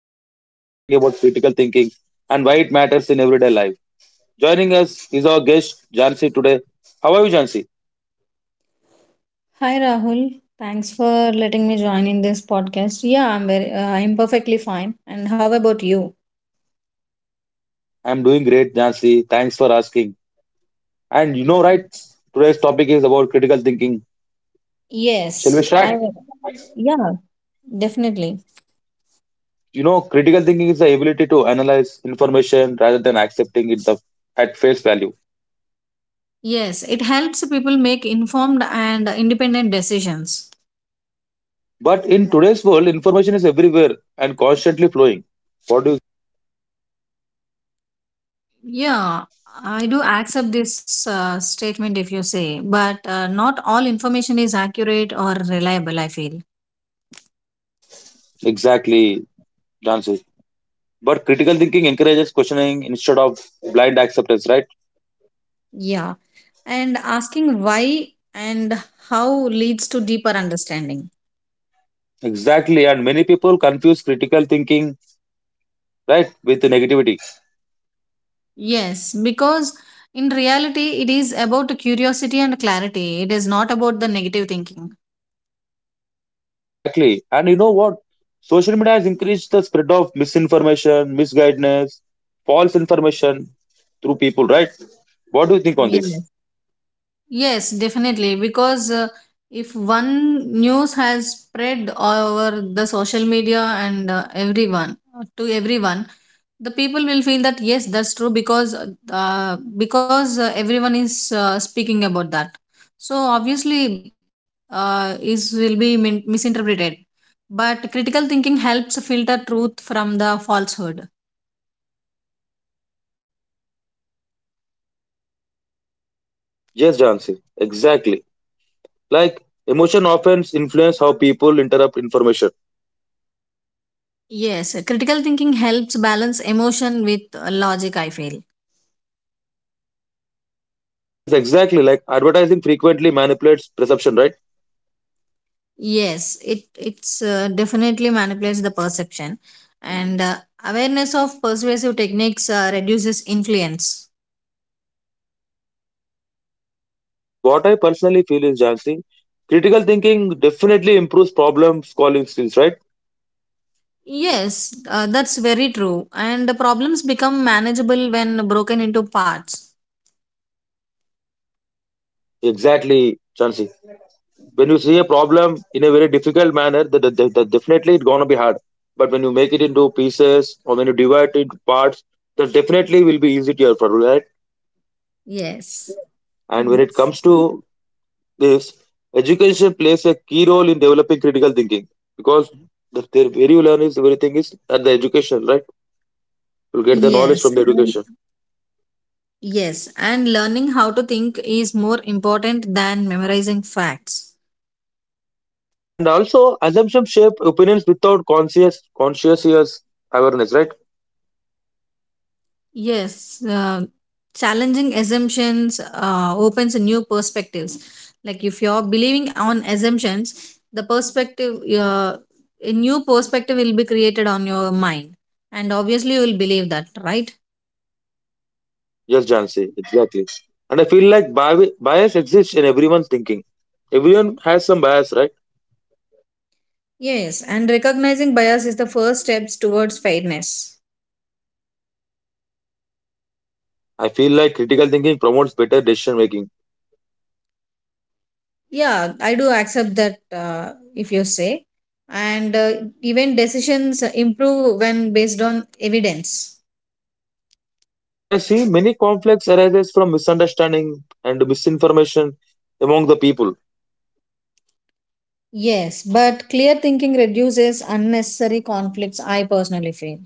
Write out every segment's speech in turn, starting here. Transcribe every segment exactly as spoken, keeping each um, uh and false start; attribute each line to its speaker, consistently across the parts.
Speaker 1: episode, we are talking about critical thinking and why it matters in everyday life. Joining us is our guest Jansi today. How are you, Jansi?
Speaker 2: Hi Rahul, thanks for letting me join in this podcast. Yeah, I'm very, uh, I'm perfectly fine. And how about you?
Speaker 1: I'm doing great, Jansi. Thanks for asking. And you know, right? Today's topic is about critical thinking. Shall we
Speaker 2: Yes, I
Speaker 1: start?
Speaker 2: yeah, definitely.
Speaker 1: You know, critical thinking is the ability to analyze information rather than accepting it the, at face value.
Speaker 2: Yes, it helps people make informed and independent decisions.
Speaker 1: But in today's world, information is everywhere and constantly flowing. What do you
Speaker 2: Yeah, I do accept this uh, statement if you say, but uh, not all information is accurate or reliable, I feel.
Speaker 1: exactly, Jansi? But critical thinking encourages questioning instead of blind acceptance, right?
Speaker 2: Yeah, and asking why and how leads to deeper understanding.
Speaker 1: Exactly. And many people confuse critical thinking, right, with negativity.
Speaker 2: Yes, because in reality, it is about curiosity and clarity. It is not about the negative thinking.
Speaker 1: Exactly. And you know what? Social media has increased the spread of misinformation, misguidance, false information through people, right? What do you think on this?
Speaker 2: Yes. Yes, definitely. Because uh, if one news has spread over the social media and uh, everyone uh, to everyone, the people will feel that, yes, that's true, because uh, because uh, everyone is uh, speaking about that. So obviously, uh, is will be min- misinterpreted. But critical thinking helps filter truth from the falsehood.
Speaker 1: Yes, Jansi. Exactly. Like emotion often influence how people interrupt information.
Speaker 2: Yes, critical thinking helps balance emotion with uh, logic, I feel.
Speaker 1: Yes, exactly. Like advertising frequently manipulates perception, right?
Speaker 2: Yes, it it's uh, definitely manipulates the perception, and uh, awareness of persuasive techniques uh, reduces influence.
Speaker 1: But what I personally feel is, Jansi, critical thinking definitely improves problem solving skills, right?
Speaker 2: Yes, uh, that's very true, and the problems become manageable when broken into parts.
Speaker 1: Exactly, Jansi. When you see a problem in a very difficult manner, that, that, that- that definitely it's gonna be hard. But when you make it into pieces or when you divide it into parts, that definitely will be easier for you, right?
Speaker 2: Yes.
Speaker 1: And when it
Speaker 2: Yes.
Speaker 1: comes to this, education plays a key role in developing critical thinking because the, the- where you learn is everything is at the education, right? You'll get the knowledge
Speaker 2: yes,
Speaker 1: from the
Speaker 2: and
Speaker 1: education.
Speaker 2: yes, and learning how to think is more important than memorizing facts.
Speaker 1: And also, assumptions shape opinions without conscious, conscious awareness, right?
Speaker 2: Yes, uh, challenging assumptions uh, opens a new perspectives. Like if you're believing on assumptions, the perspective, uh, a new perspective will be created on your mind, and obviously you will believe that, right?
Speaker 1: Yes, Jansi, exactly. And I feel like bi- bias exists in everyone's thinking. Everyone has some bias, right?
Speaker 2: Yes, and recognizing bias is the first steps towards fairness.
Speaker 1: I feel like critical thinking promotes better decision making.
Speaker 2: Yeah, I do accept that, uh, if you say, and uh, even decisions improve when based on evidence.
Speaker 1: But I see many conflicts arises from misunderstanding and misinformation among the people.
Speaker 2: Yes, but clear thinking reduces unnecessary conflicts, I personally feel.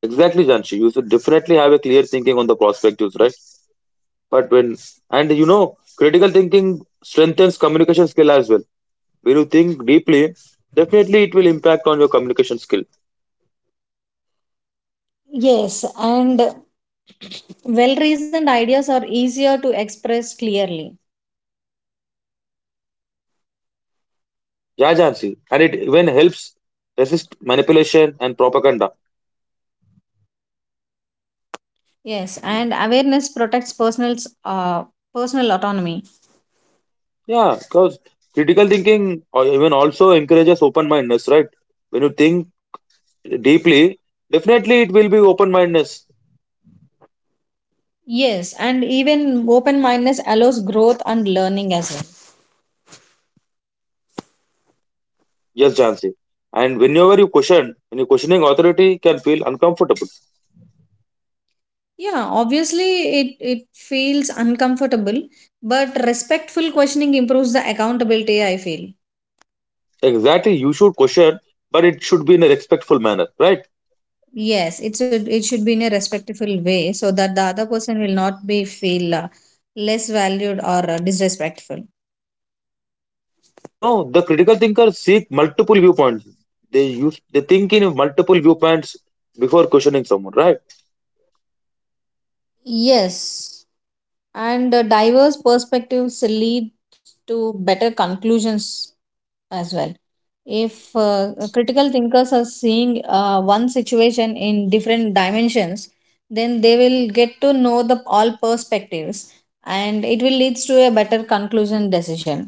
Speaker 1: Exactly, Janshi. You should definitely have a clear thinking on the perspectives, right? But when and you know, critical thinking strengthens communication skill as well. When you think deeply, definitely it will impact on your communication skill.
Speaker 2: Yes, and well reasoned ideas are easier to express clearly.
Speaker 1: Yeah, Jansi. And it even helps resist manipulation and propaganda.
Speaker 2: Yes, and awareness protects personal's uh, personal autonomy.
Speaker 1: Yeah, because critical thinking or even also encourages open mindedness, right? When you think deeply, definitely it will be open mindedness.
Speaker 2: Yes, and even open mindedness allows growth and learning as well.
Speaker 1: Yes, Jansi. And whenever you question, when you're questioning authority, can feel uncomfortable.
Speaker 2: Yeah, obviously it, it feels uncomfortable, but respectful questioning improves the accountability, I feel.
Speaker 1: Exactly, you should question, but it should be in a respectful manner, right?
Speaker 2: Yes, it should it should be in a respectful way so that the other person will not be feel uh, less valued or uh, disrespectful.
Speaker 1: And you know, the critical thinkers seek multiple viewpoints. They use they think in multiple viewpoints before questioning someone, right?
Speaker 2: Yes, and uh, diverse perspectives lead to better conclusions as well. If uh, uh, critical thinkers are seeing uh, one situation in different dimensions, then they will get to know the all perspectives, and it will leads to a better conclusion decision.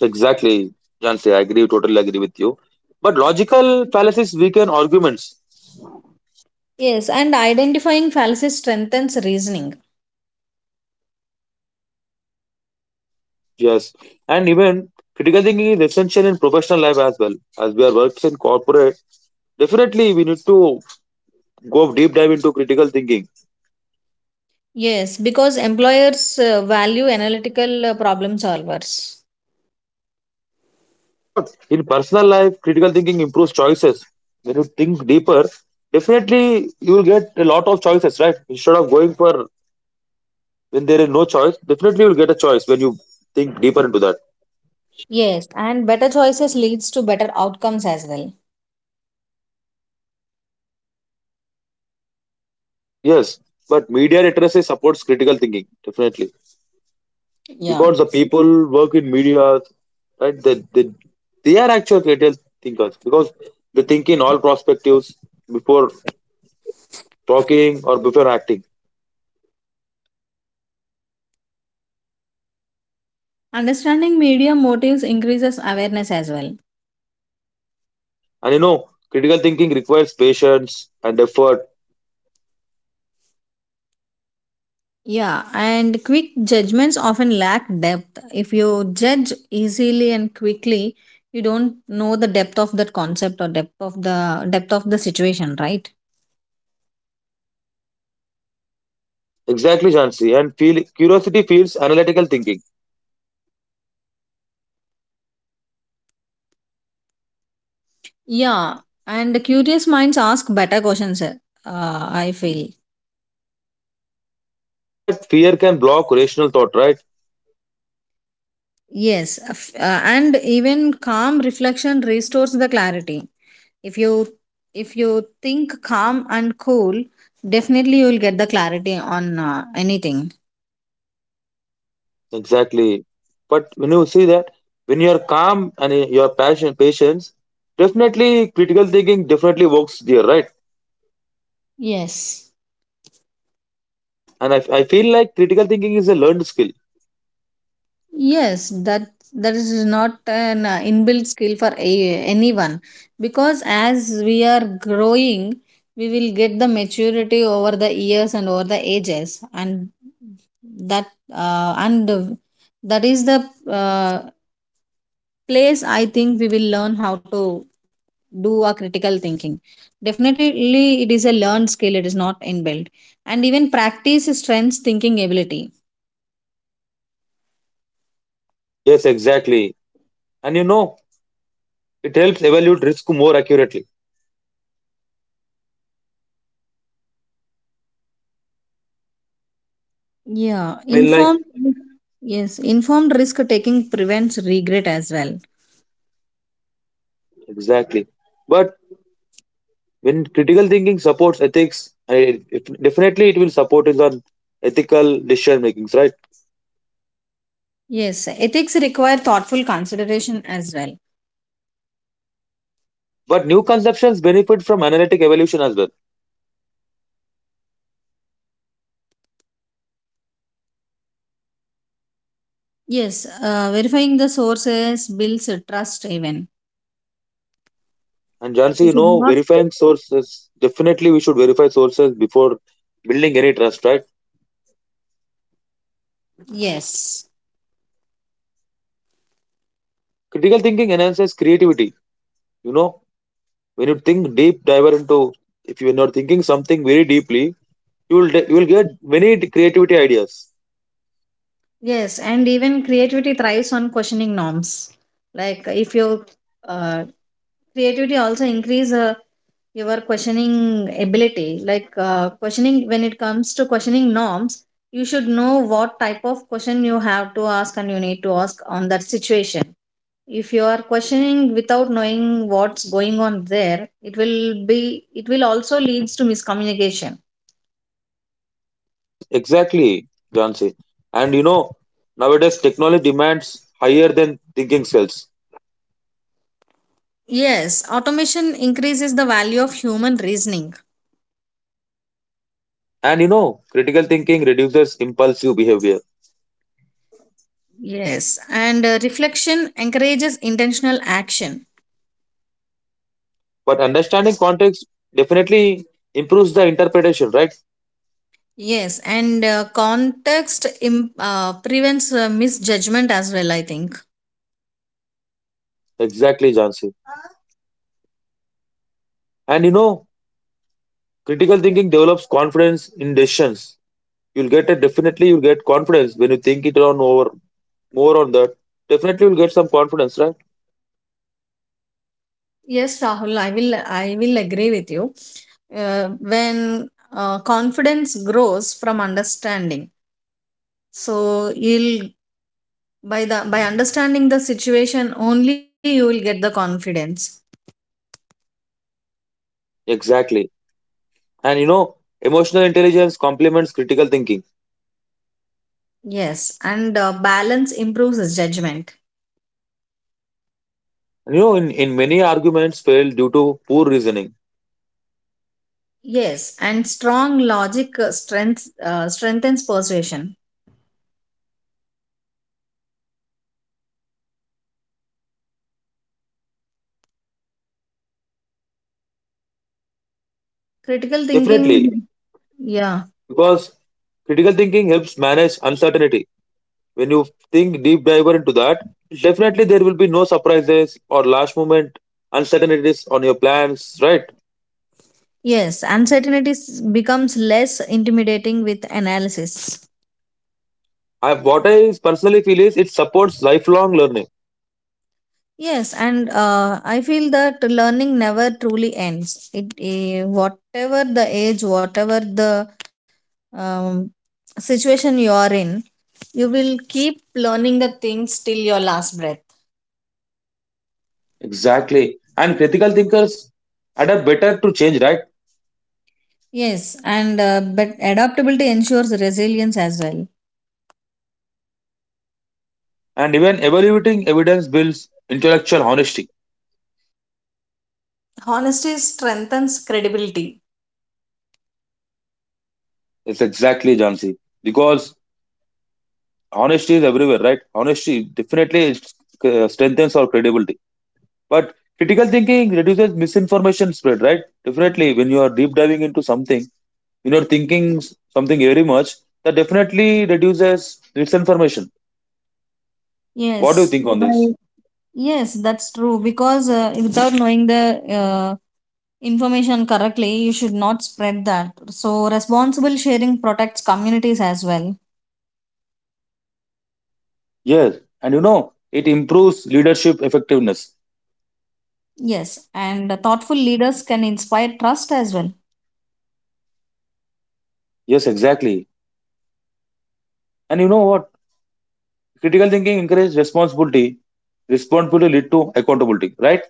Speaker 1: Exactly, Jansi. I agree, totally agree with you. But logical fallacies weaken arguments.
Speaker 2: Yes, and identifying fallacies strengthens reasoning.
Speaker 1: Yes. And even critical thinking is essential in professional life as well. As we are works in corporate, definitely we need to go deep dive into critical thinking.
Speaker 2: Yes, because employers uh, value analytical uh, problem solvers.
Speaker 1: You know what? In personal life, critical thinking improves choices. When you think deeper, definitely you will get a lot of choices, right? Instead of going for when there is no choice, definitely you will get a choice when you think deeper into that.
Speaker 2: Yes, and better choices leads to better outcomes as well.
Speaker 1: Yes, but media literacy supports critical thinking, definitely.
Speaker 2: Yeah.
Speaker 1: Because the people work in media, right? They, they, they are actual critical thinkers because they think in all perspectives before talking or before acting.
Speaker 2: Understanding media motives increases awareness as well.
Speaker 1: Yes. And you know, critical thinking requires patience and effort.
Speaker 2: Yeah, and quick judgments often lack depth. If you judge easily and quickly, you don't know the depth of that concept, or depth of the depth of the situation, right?
Speaker 1: Exactly, Jansi. And feel curiosity feels analytical thinking.
Speaker 2: Yeah, and the curious minds ask better questions, uh, I feel.
Speaker 1: But fear can block rational thought, right?
Speaker 2: Yes, f- uh, and even calm reflection restores the clarity. If you if you think calm and cool, definitely you will get the clarity on uh, anything.
Speaker 1: Exactly. But when you see that, when you're calm and your passion patience, definitely critical thinking definitely works there, right?
Speaker 2: Yes.
Speaker 1: And I, I feel like critical thinking is a learned skill.
Speaker 2: Yes, that that is not an uh, inbuilt skill for a, anyone, because as we are growing we will get the maturity over the years and over the ages, and that uh, and uh, that is the uh, place, I think, we will learn how to do a critical thinking. Definitely it is a learned skill, it is not inbuilt, and even practice strengths thinking ability.
Speaker 1: Yes, exactly. And you know, it helps evaluate risk more accurately.
Speaker 2: Yeah,
Speaker 1: I mean, like,
Speaker 2: informed, yes, informed risk taking prevents regret as well.
Speaker 1: exactly. But when critical thinking supports ethics I, it, it- definitely it will support is on ethical decision makings, right?
Speaker 2: Yes, ethics require thoughtful consideration as well.
Speaker 1: But new conceptions benefit from analytic evolution as well.
Speaker 2: Yes, uh, verifying the sources builds a trust even.
Speaker 1: And Jansi,
Speaker 2: You
Speaker 1: you
Speaker 2: should
Speaker 1: know,
Speaker 2: not,
Speaker 1: verifying sources, definitely we should verify sources before building any trust, right?
Speaker 2: yes,
Speaker 1: Critical thinking enhances creativity. You know, when you think deep dive into, if you're not thinking something very deeply, you will de- you will get many creativity ideas.
Speaker 2: yes, and even creativity thrives on questioning norms. Like if your uh, creativity also increase uh, your questioning ability, like uh, questioning when it comes to questioning norms, you should know what type of question you have to ask and you need to ask on that situation. If you are questioning without knowing what's going on there, it will be it will also leads to miscommunication.
Speaker 1: Ignos- Exactly, Jansi. And you know, nowadays technology demands higher than thinking skills.
Speaker 2: Yes, automation increases the value of human reasoning.
Speaker 1: And you know, critical thinking reduces impulsive behavior.
Speaker 2: Yes, and uh, reflection encourages intentional action.
Speaker 1: But understanding context definitely improves the interpretation, right?
Speaker 2: Yes, and uh, context im- uh, prevents uh, misjudgment as well, I think.
Speaker 1: Exactly, Jansi. And you know, critical thinking develops confidence in decisions. You'll get a definitely you'll get confidence when you think it on over more on that. Definitely you'll get some confidence, right?
Speaker 2: Yes, Rahul, I will I will agree with you. Uh, when uh, confidence grows from understanding, so you'll by the by understanding the situation only you will get the confidence.
Speaker 1: Exactly. And you know, emotional intelligence complements critical thinking.
Speaker 2: Yes, and uh, balance improves judgment.
Speaker 1: You know, in, in many arguments fail due to poor reasoning.
Speaker 2: Yes, and strong logic uh, strength uh, strengthens persuasion. Critical
Speaker 1: Definitely,
Speaker 2: thinking, yeah.
Speaker 1: because critical thinking helps manage uncertainty when you think deep diver into that, definitely there will be no surprises or last moment uncertainties on your plans, right?
Speaker 2: Yes, uncertainty s- becomes less intimidating with analysis.
Speaker 1: I, what i personally feel is it supports lifelong learning.
Speaker 2: Yes, and uh, I feel that learning never truly ends. It eh, whatever the age, whatever the um, situation you are in, you will keep learning the things till your last breath.
Speaker 1: Exactly. And critical thinkers adapt better to change, right?
Speaker 2: Yes, and uh, but adaptability ensures resilience as well.
Speaker 1: And even evaluating evidence builds intellectual honesty.
Speaker 2: Honesty strengthens credibility.
Speaker 1: It's exactly, Jansi, because honesty is everywhere, right? Honesty definitely uh, strengthens our credibility. But critical thinking reduces misinformation spread, right? Definitely, when you are deep diving into something, when you're thinking s- something very much, that definitely reduces misinformation. What do you
Speaker 2: Yes,
Speaker 1: think on this?
Speaker 2: by Yes, that's true. Because uh, without knowing the uh, information correctly, you should not spread that. So, responsible sharing protects communities as well.
Speaker 1: Yes. And you know, it improves leadership effectiveness.
Speaker 2: Yes, and thoughtful leaders can inspire trust as well.
Speaker 1: Yes, exactly. And you know what? Critical thinking encourages responsibility. Responsibility lead to accountability, right?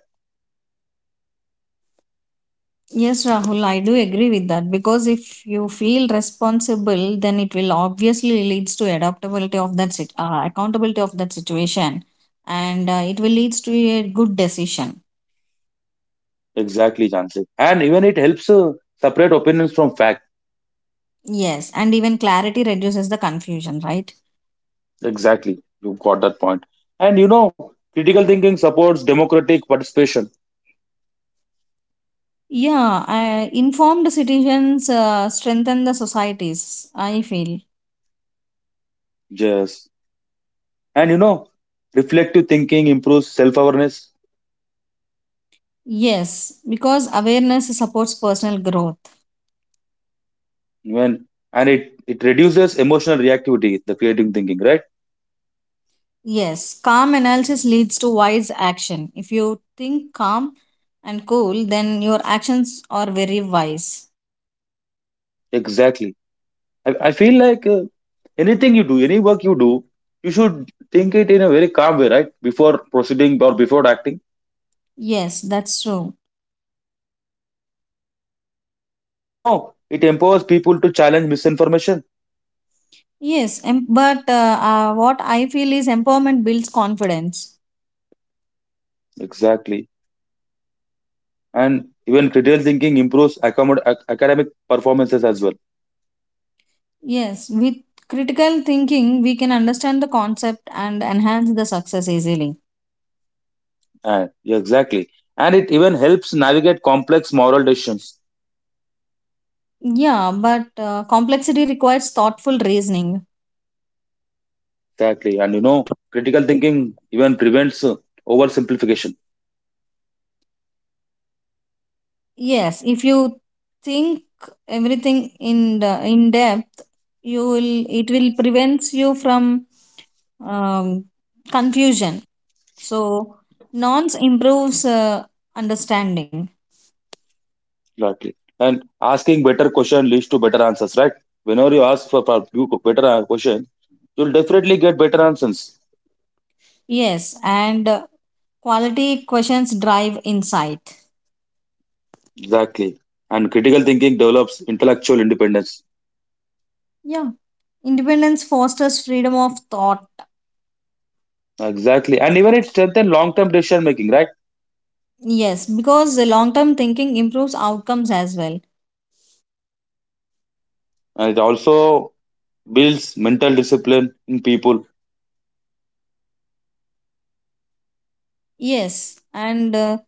Speaker 2: Yes, Rahul, I do agree with that, because if you feel responsible, then it will obviously leads to adaptability of that sit- uh, accountability of that situation, and uh, it will leads to a good decision.
Speaker 1: Exactly, Jansi. And even it helps uh, separate opinions from facts.
Speaker 2: Yes, and even clarity reduces the confusion, right?
Speaker 1: Exactly. You got that point. And you know, critical thinking supports democratic participation.
Speaker 2: Yeah, I, informed citizens uh, strengthen the societies, I feel.
Speaker 1: Yes. And you know, reflective thinking improves self awareness.
Speaker 2: Yes, because awareness supports personal growth.
Speaker 1: When and it, it reduces emotional reactivity, the creative thinking, right?
Speaker 2: Yes, calm analysis leads to wise action. If you think calm and cool, then your actions are very wise.
Speaker 1: Exactly. I, I feel like uh, anything you do, any work you do, you should think it in a very calm way, right? Before proceeding or before acting.
Speaker 2: Yes, that's true.
Speaker 1: And you know, it empowers people to challenge misinformation.
Speaker 2: Yes, em- but uh, uh, what I feel is empowerment builds confidence.
Speaker 1: Exactly. And even critical thinking improves accommod- ac- academic performances as well.
Speaker 2: Yes, with critical thinking, we can understand the concept and enhance the success easily.
Speaker 1: And yeah, exactly. And it even helps navigate complex moral decisions.
Speaker 2: Yeah, but uh, complexity requires thoughtful reasoning.
Speaker 1: Exactly. And you know, critical thinking even prevents uh, oversimplification.
Speaker 2: Yes, if you think everything in the, in depth, you will it will prevents you from um, confusion. So nonce improves uh, understanding.
Speaker 1: Exactly. And asking better question leads to better answers, right? Whenever you ask for, for few co- better uh, question, you'll definitely get better answers.
Speaker 2: Yes, and uh, quality questions drive insight.
Speaker 1: Exactly. And critical thinking develops intellectual independence.
Speaker 2: Yeah, independence fosters freedom of thought.
Speaker 1: Exactly. And even it strengthens long-term decision making, right?
Speaker 2: Yes, because the long term thinking improves outcomes as well.
Speaker 1: And it also builds mental discipline in people.
Speaker 2: Yes, and uh,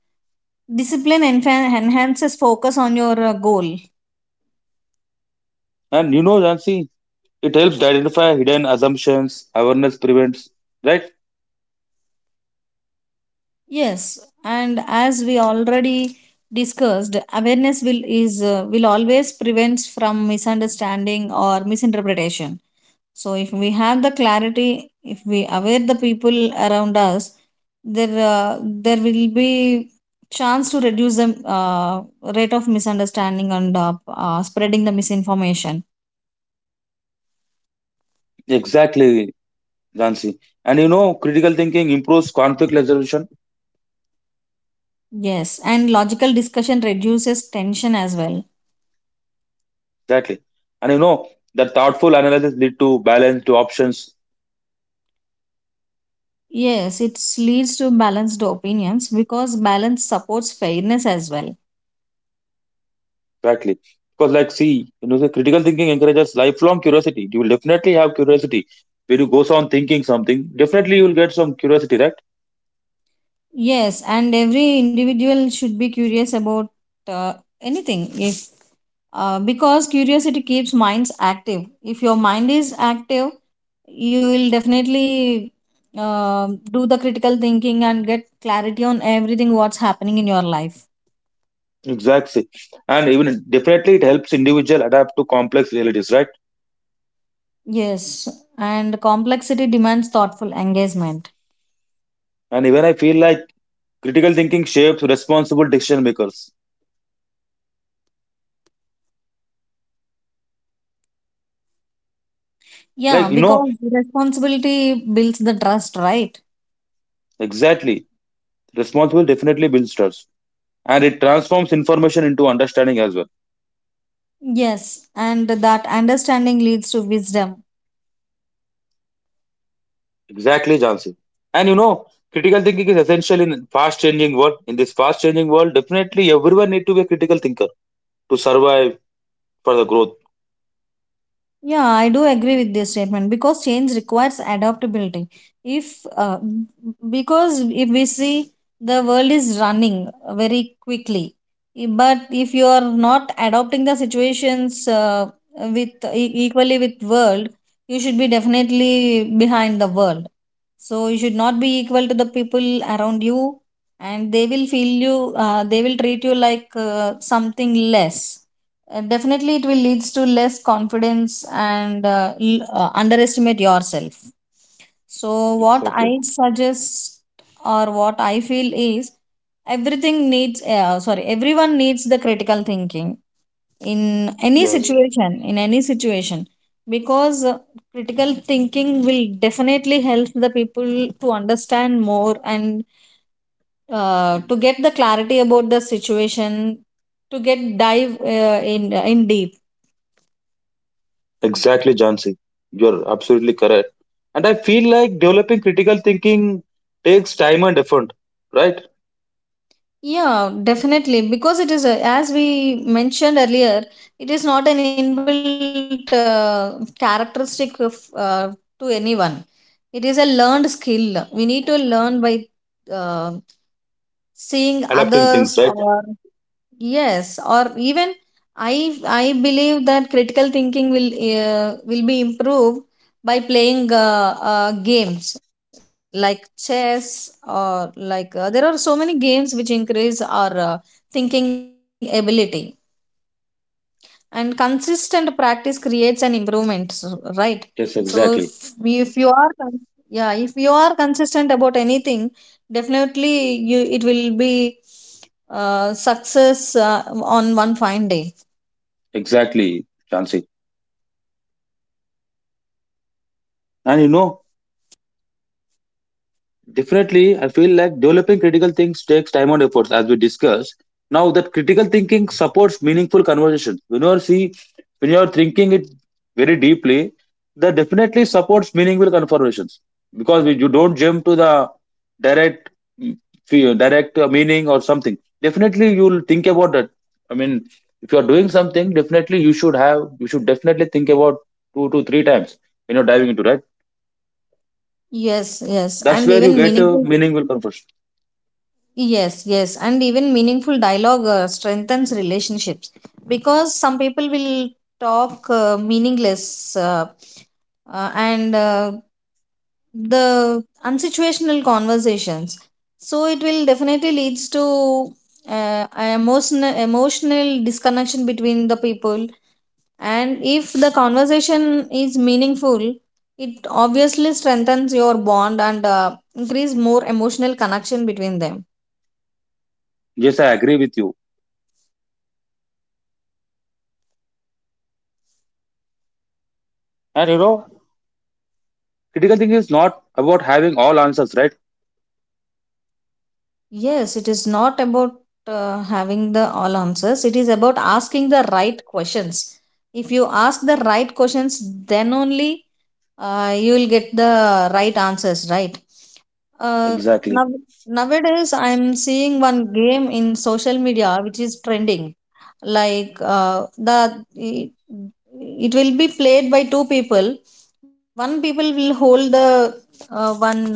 Speaker 2: discipline enfa- enhances focus on your uh, goal.
Speaker 1: And you know, Jansi, it helps to identify hidden assumptions, awareness prevents, right?
Speaker 2: Yes, and as we already discussed, awareness will is uh, will always prevents from misunderstanding or misinterpretation. So if we have the clarity, if we aware the people around us, there uh, there will be chance to reduce the uh, rate of misunderstanding and uh, uh, spreading the misinformation.
Speaker 1: Exactly, Jansi. And you know, critical thinking improves conflict resolution,
Speaker 2: Yes, and logical discussion reduces tension as well.
Speaker 1: exactly. And you know, that thoughtful analysis lead to balanced options,
Speaker 2: Yes, it leads to balanced opinions because balance supports fairness as well.
Speaker 1: exactly. Because, like, see, you know, the critical thinking encourages lifelong curiosity. You will definitely have curiosity when you go on thinking something. Definitely, you will get some curiosity, right?
Speaker 2: Yes, and every individual should be curious about uh, anything, if uh, because curiosity keeps minds active. If your mind is active, you will definitely uh, do the critical thinking and get clarity on everything what's happening in your life.
Speaker 1: Exactly. And even definitely it helps individual adapt to complex realities, right?
Speaker 2: Yes, and complexity demands thoughtful engagement.
Speaker 1: And even I feel like critical thinking shapes responsible decision makers.
Speaker 2: Yeah,
Speaker 1: Like, you know,
Speaker 2: because responsibility builds the trust, right?
Speaker 1: exactly. Responsible definitely builds trust. And it transforms information into understanding as well.
Speaker 2: Yes, and that understanding leads to wisdom.
Speaker 1: Exactly, Jansi. And you know, critical thinking is essential in fast changing world. In this fast changing world, definitely everyone need to be a critical thinker to survive for the growth.
Speaker 2: Yeah, I do agree with this statement because change requires adaptability. If uh, Because if we see, the world is running very quickly, but if you are not adopting the situations uh, with e- equally with world, you should be definitely behind the world. So you should not be equal to the people around you, and they will feel you. Uh, they will treat you like uh, something less, uh, definitely it will leads to less confidence, and uh, l- uh, underestimate yourself. So what I
Speaker 1: Exactly.
Speaker 2: suggest, or what I feel is, everything needs uh, sorry everyone needs the critical thinking, in any
Speaker 1: Yes.
Speaker 2: situation, in any situation, because uh, critical thinking will definitely help the people to understand more, and uh, to get the clarity about the situation, to get dive uh, in in deep.
Speaker 1: Exactly, Jansi. You're absolutely correct. And I feel like developing critical thinking takes time and effort, right?
Speaker 2: Yeah, definitely. Because it is, a, as we mentioned earlier, it is not an inbuilt uh, characteristic of, uh, to anyone. It is a learned skill. We need to learn by uh, seeing
Speaker 1: Adapting
Speaker 2: others.
Speaker 1: things, right?
Speaker 2: Or yes, or even i i believe that critical thinking will uh, will be improved by playing uh, uh, games like chess, or like uh, there are so many games which increase our uh, thinking ability, and consistent practice creates an improvement, s- right.
Speaker 1: Yes,
Speaker 2: So, if
Speaker 1: exactly.
Speaker 2: we- if you are con- yeah, if you are consistent about anything, definitely you it will be uh, success uh, on one fine day.
Speaker 1: Exactly, Jansi. And you know, definitely, I feel like developing critical things takes time and efforts, as we discussed. Now, that critical thinking supports meaningful conversation. When you are see, when you are thinking it very deeply, that definitely supports meaningful conversations because we, you don't jump to the direct, mm, fe- direct uh, meaning or something. Definitely, you'll think about that. I mean, if you are doing something, definitely you should have, you should definitely think about two to three times when you're diving into, right.
Speaker 2: Yes, yes, and
Speaker 1: That's where
Speaker 2: even
Speaker 1: you get a
Speaker 2: meaningful.
Speaker 1: meaningful conversation.
Speaker 2: Yes, yes, and even meaningful dialogue uh, strengthens relationships, because some people will talk uh, meaningless, uh, uh, and uh, the unsituational conversations. So it will definitely leads to uh, a emotional emotional disconnection between the people, and if the conversation is meaningful, it obviously strengthens your bond, and uh, increase more emotional connection between them.
Speaker 1: Yes, I agree with you. And you know, critical thinking is not about having all answers, right?
Speaker 2: Yes, it is not about uh, having the all answers. It is about asking the right questions. If you ask the right questions, then only uh, you will get the right answers, right? Uh, now,
Speaker 1: Exactly,
Speaker 2: Nowadays, I'm seeing one game in social media which is trending. Like uh, the it, it will be played by two people. One people will hold the uh, one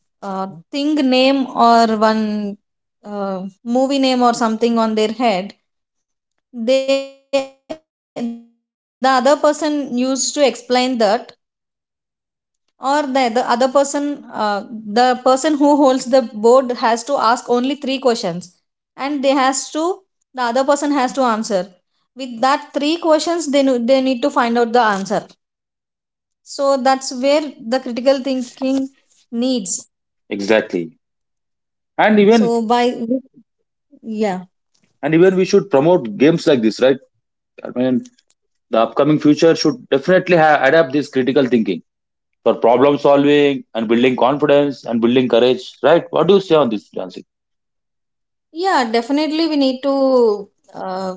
Speaker 2: uh, thing name or one uh, movie name or something on their head. They the other person used to explain that. Or the, the other person, uh, the person who holds the board has to ask only three questions, and they has to the other person has to answer. With that three questions they, nu- they need to find out the answer. So that's where the critical thinking needs.
Speaker 1: exactly.
Speaker 2: So
Speaker 1: And
Speaker 2: by,
Speaker 1: even
Speaker 2: yeah.
Speaker 1: and even we should promote games like this, right? I mean, the upcoming future should definitely ha- adapt this critical thinking for problem solving and building confidence and building courage, right? What do you say on this, Jansi?
Speaker 2: Yeah, definitely we need to, uh,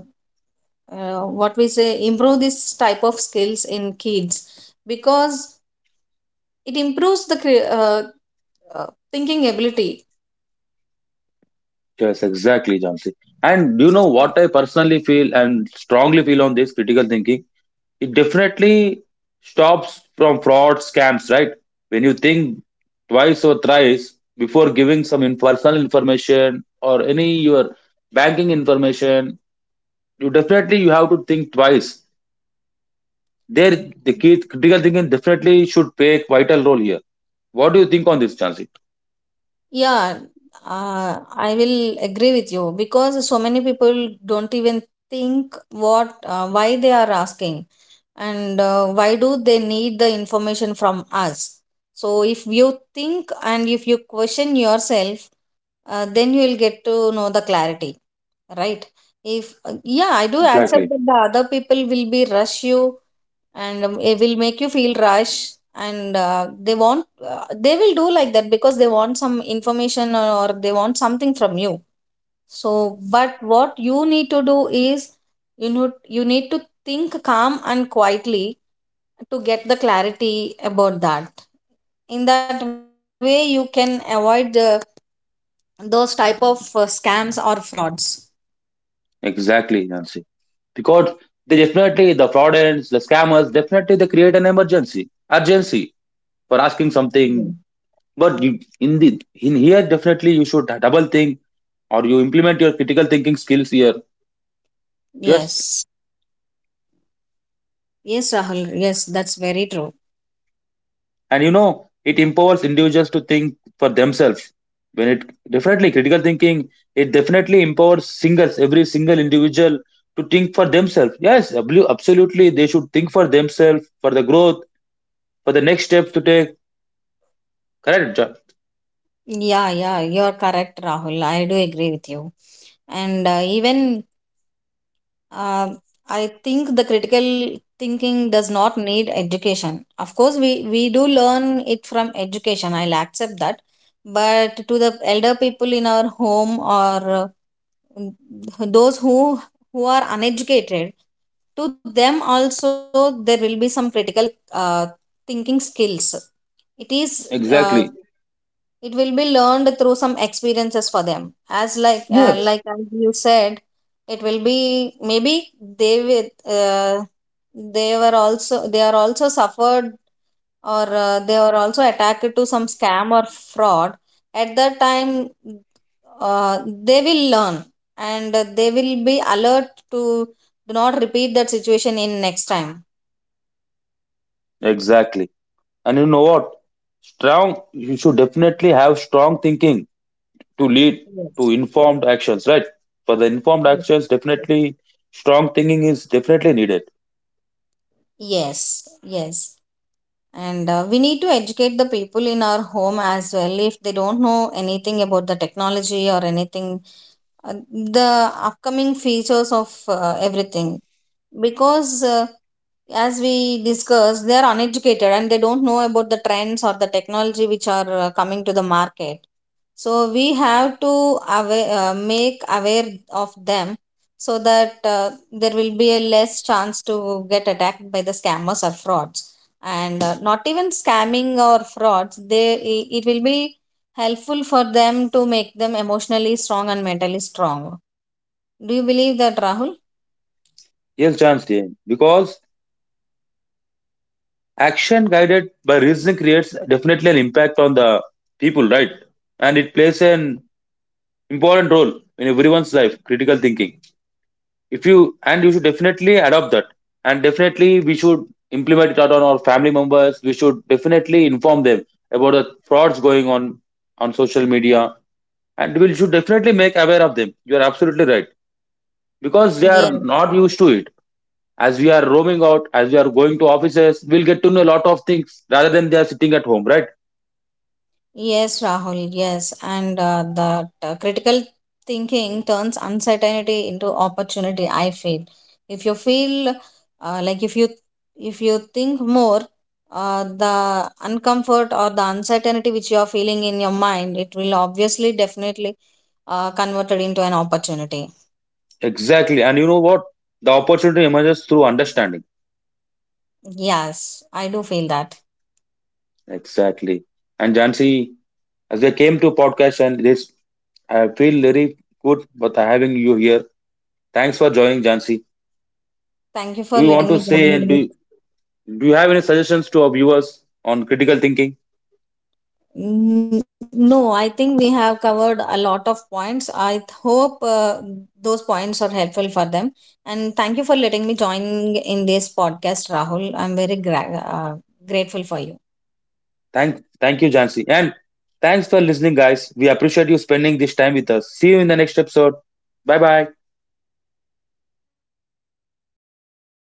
Speaker 2: uh, what we say, improve this type of skills in kids, because it improves the cre- uh, uh, thinking ability.
Speaker 1: Yes, exactly, Jansi. And do you know what I personally feel and strongly feel on this critical thinking? It definitely stops from fraud scams, right? When you think twice or thrice before giving some in- personal information or any your banking information, you definitely you have to think twice there. The key critical thinking definitely should play a vital role here. What do you think on this, chancy?
Speaker 2: Yeah, uh, I will agree with you because so many people don't even think what, uh, why they are asking, and uh, why do they need the information from us. So if you think and if you question yourself, uh, then you will get to know the clarity, right? If uh, yeah, I do accept
Speaker 1: Exactly.
Speaker 2: that the other people will be rush you, and um, it will make you feel rush, and uh, they want uh, they will do like that because they want some information, or, or they want something from you. So but what you need to do is, you know, you need to think calm and quietly to get the clarity about that. In that way you can avoid the, those type of uh, scams or frauds.
Speaker 1: Exactly, nancy, because they definitely the fraudulents the scammers definitely they create an emergency urgency for asking something.
Speaker 2: Yeah.
Speaker 1: But you, in the in here, definitely you should double think or you implement your critical thinking skills here. Just.
Speaker 2: Yes. Yes, Rahul. Yes, that's very true.
Speaker 1: And you know, it empowers individuals to think for themselves. When it definitely critical thinking, it definitely empowers singles, every single individual to think for themselves. Yes, ablu- absolutely, they should think for themselves for the growth, for the next steps to take. Correct, John?
Speaker 2: Yeah, yeah, you're correct, Rahul. I do agree with you. And uh, even, uh, I think the critical thinking does not need education. Of course, we, we do learn it from education. I'll accept that. But to the elder people in our home, or uh, those who who are uneducated, to them also there will be some critical uh, thinking skills. It is, uh,
Speaker 1: Exactly.
Speaker 2: it will be learned through some experiences for them, as like, uh,
Speaker 1: Yes,
Speaker 2: like as you said, it will be maybe they with, uh, they were also they are also suffered, or uh, they were also attacked to some scam or fraud. At that time, uh, they will learn, and they will be alert to do not repeat that situation in next time.
Speaker 1: exactly. And you know what? Strong. You should definitely have strong thinking to lead to
Speaker 2: Yes.
Speaker 1: informed actions, right? For the informed
Speaker 2: Yes.
Speaker 1: actions, definitely strong thinking is definitely needed.
Speaker 2: Yes. Yes, and uh, we need to educate the people in our home as well, if they don't know anything about the technology or anything, uh, the upcoming features of uh, everything, because uh, as we discussed, they are uneducated and they don't know about the trends or the technology which are uh, coming to the market. So we have to aware, uh, make aware of them, so that uh, there will be a less chance to get attacked by the scammers or frauds. And uh, not even scamming or frauds, they i- it will be helpful for them, to make them emotionally strong and mentally strong. Do you believe that, Rahul?
Speaker 1: Yes, James, because action guided by reasoning creates definitely an impact on the people, right? And it plays an important role in everyone's life, critical thinking. If you and you should definitely adopt that, and definitely we should implement it out on our family members. We should definitely inform them about the frauds going on on social media, and we should definitely make aware of them. You are absolutely right, because they are not used to it. As we are roaming out, as we are going to offices, we'll get to know a lot of things rather than they are sitting at home, right?
Speaker 2: Yes, Rahul, yes. And uh, that uh, critical thinking turns uncertainty into opportunity, I feel. If you feel, uh, like if you, if you think more, uh, the uncomfort or the uncertainty which you are feeling in your mind, it will obviously definitely uh, converted into an opportunity.
Speaker 1: Exactly. And you know what? The opportunity emerges through understanding.
Speaker 2: Yes, I do feel that.
Speaker 1: Exactly. And Jansi, as I came to podcast and this, I feel very good with having you here. Thanks for joining, Jansi.
Speaker 2: Thank you
Speaker 1: Do
Speaker 2: for
Speaker 1: you want
Speaker 2: letting
Speaker 1: to
Speaker 2: me join you
Speaker 1: say,
Speaker 2: in
Speaker 1: do,
Speaker 2: this.
Speaker 1: do you have any suggestions to our viewers on critical thinking?
Speaker 2: Mm, no, I think we have covered a lot of points. I th- hope uh, those points are helpful for them. And thank you for letting me join in this podcast, Rahul. I'm very gra- uh, grateful for you.
Speaker 1: Thank, thank you, Jansi. And thanks for listening, guys. We appreciate you spending this time with us. See you in the next episode. Bye bye.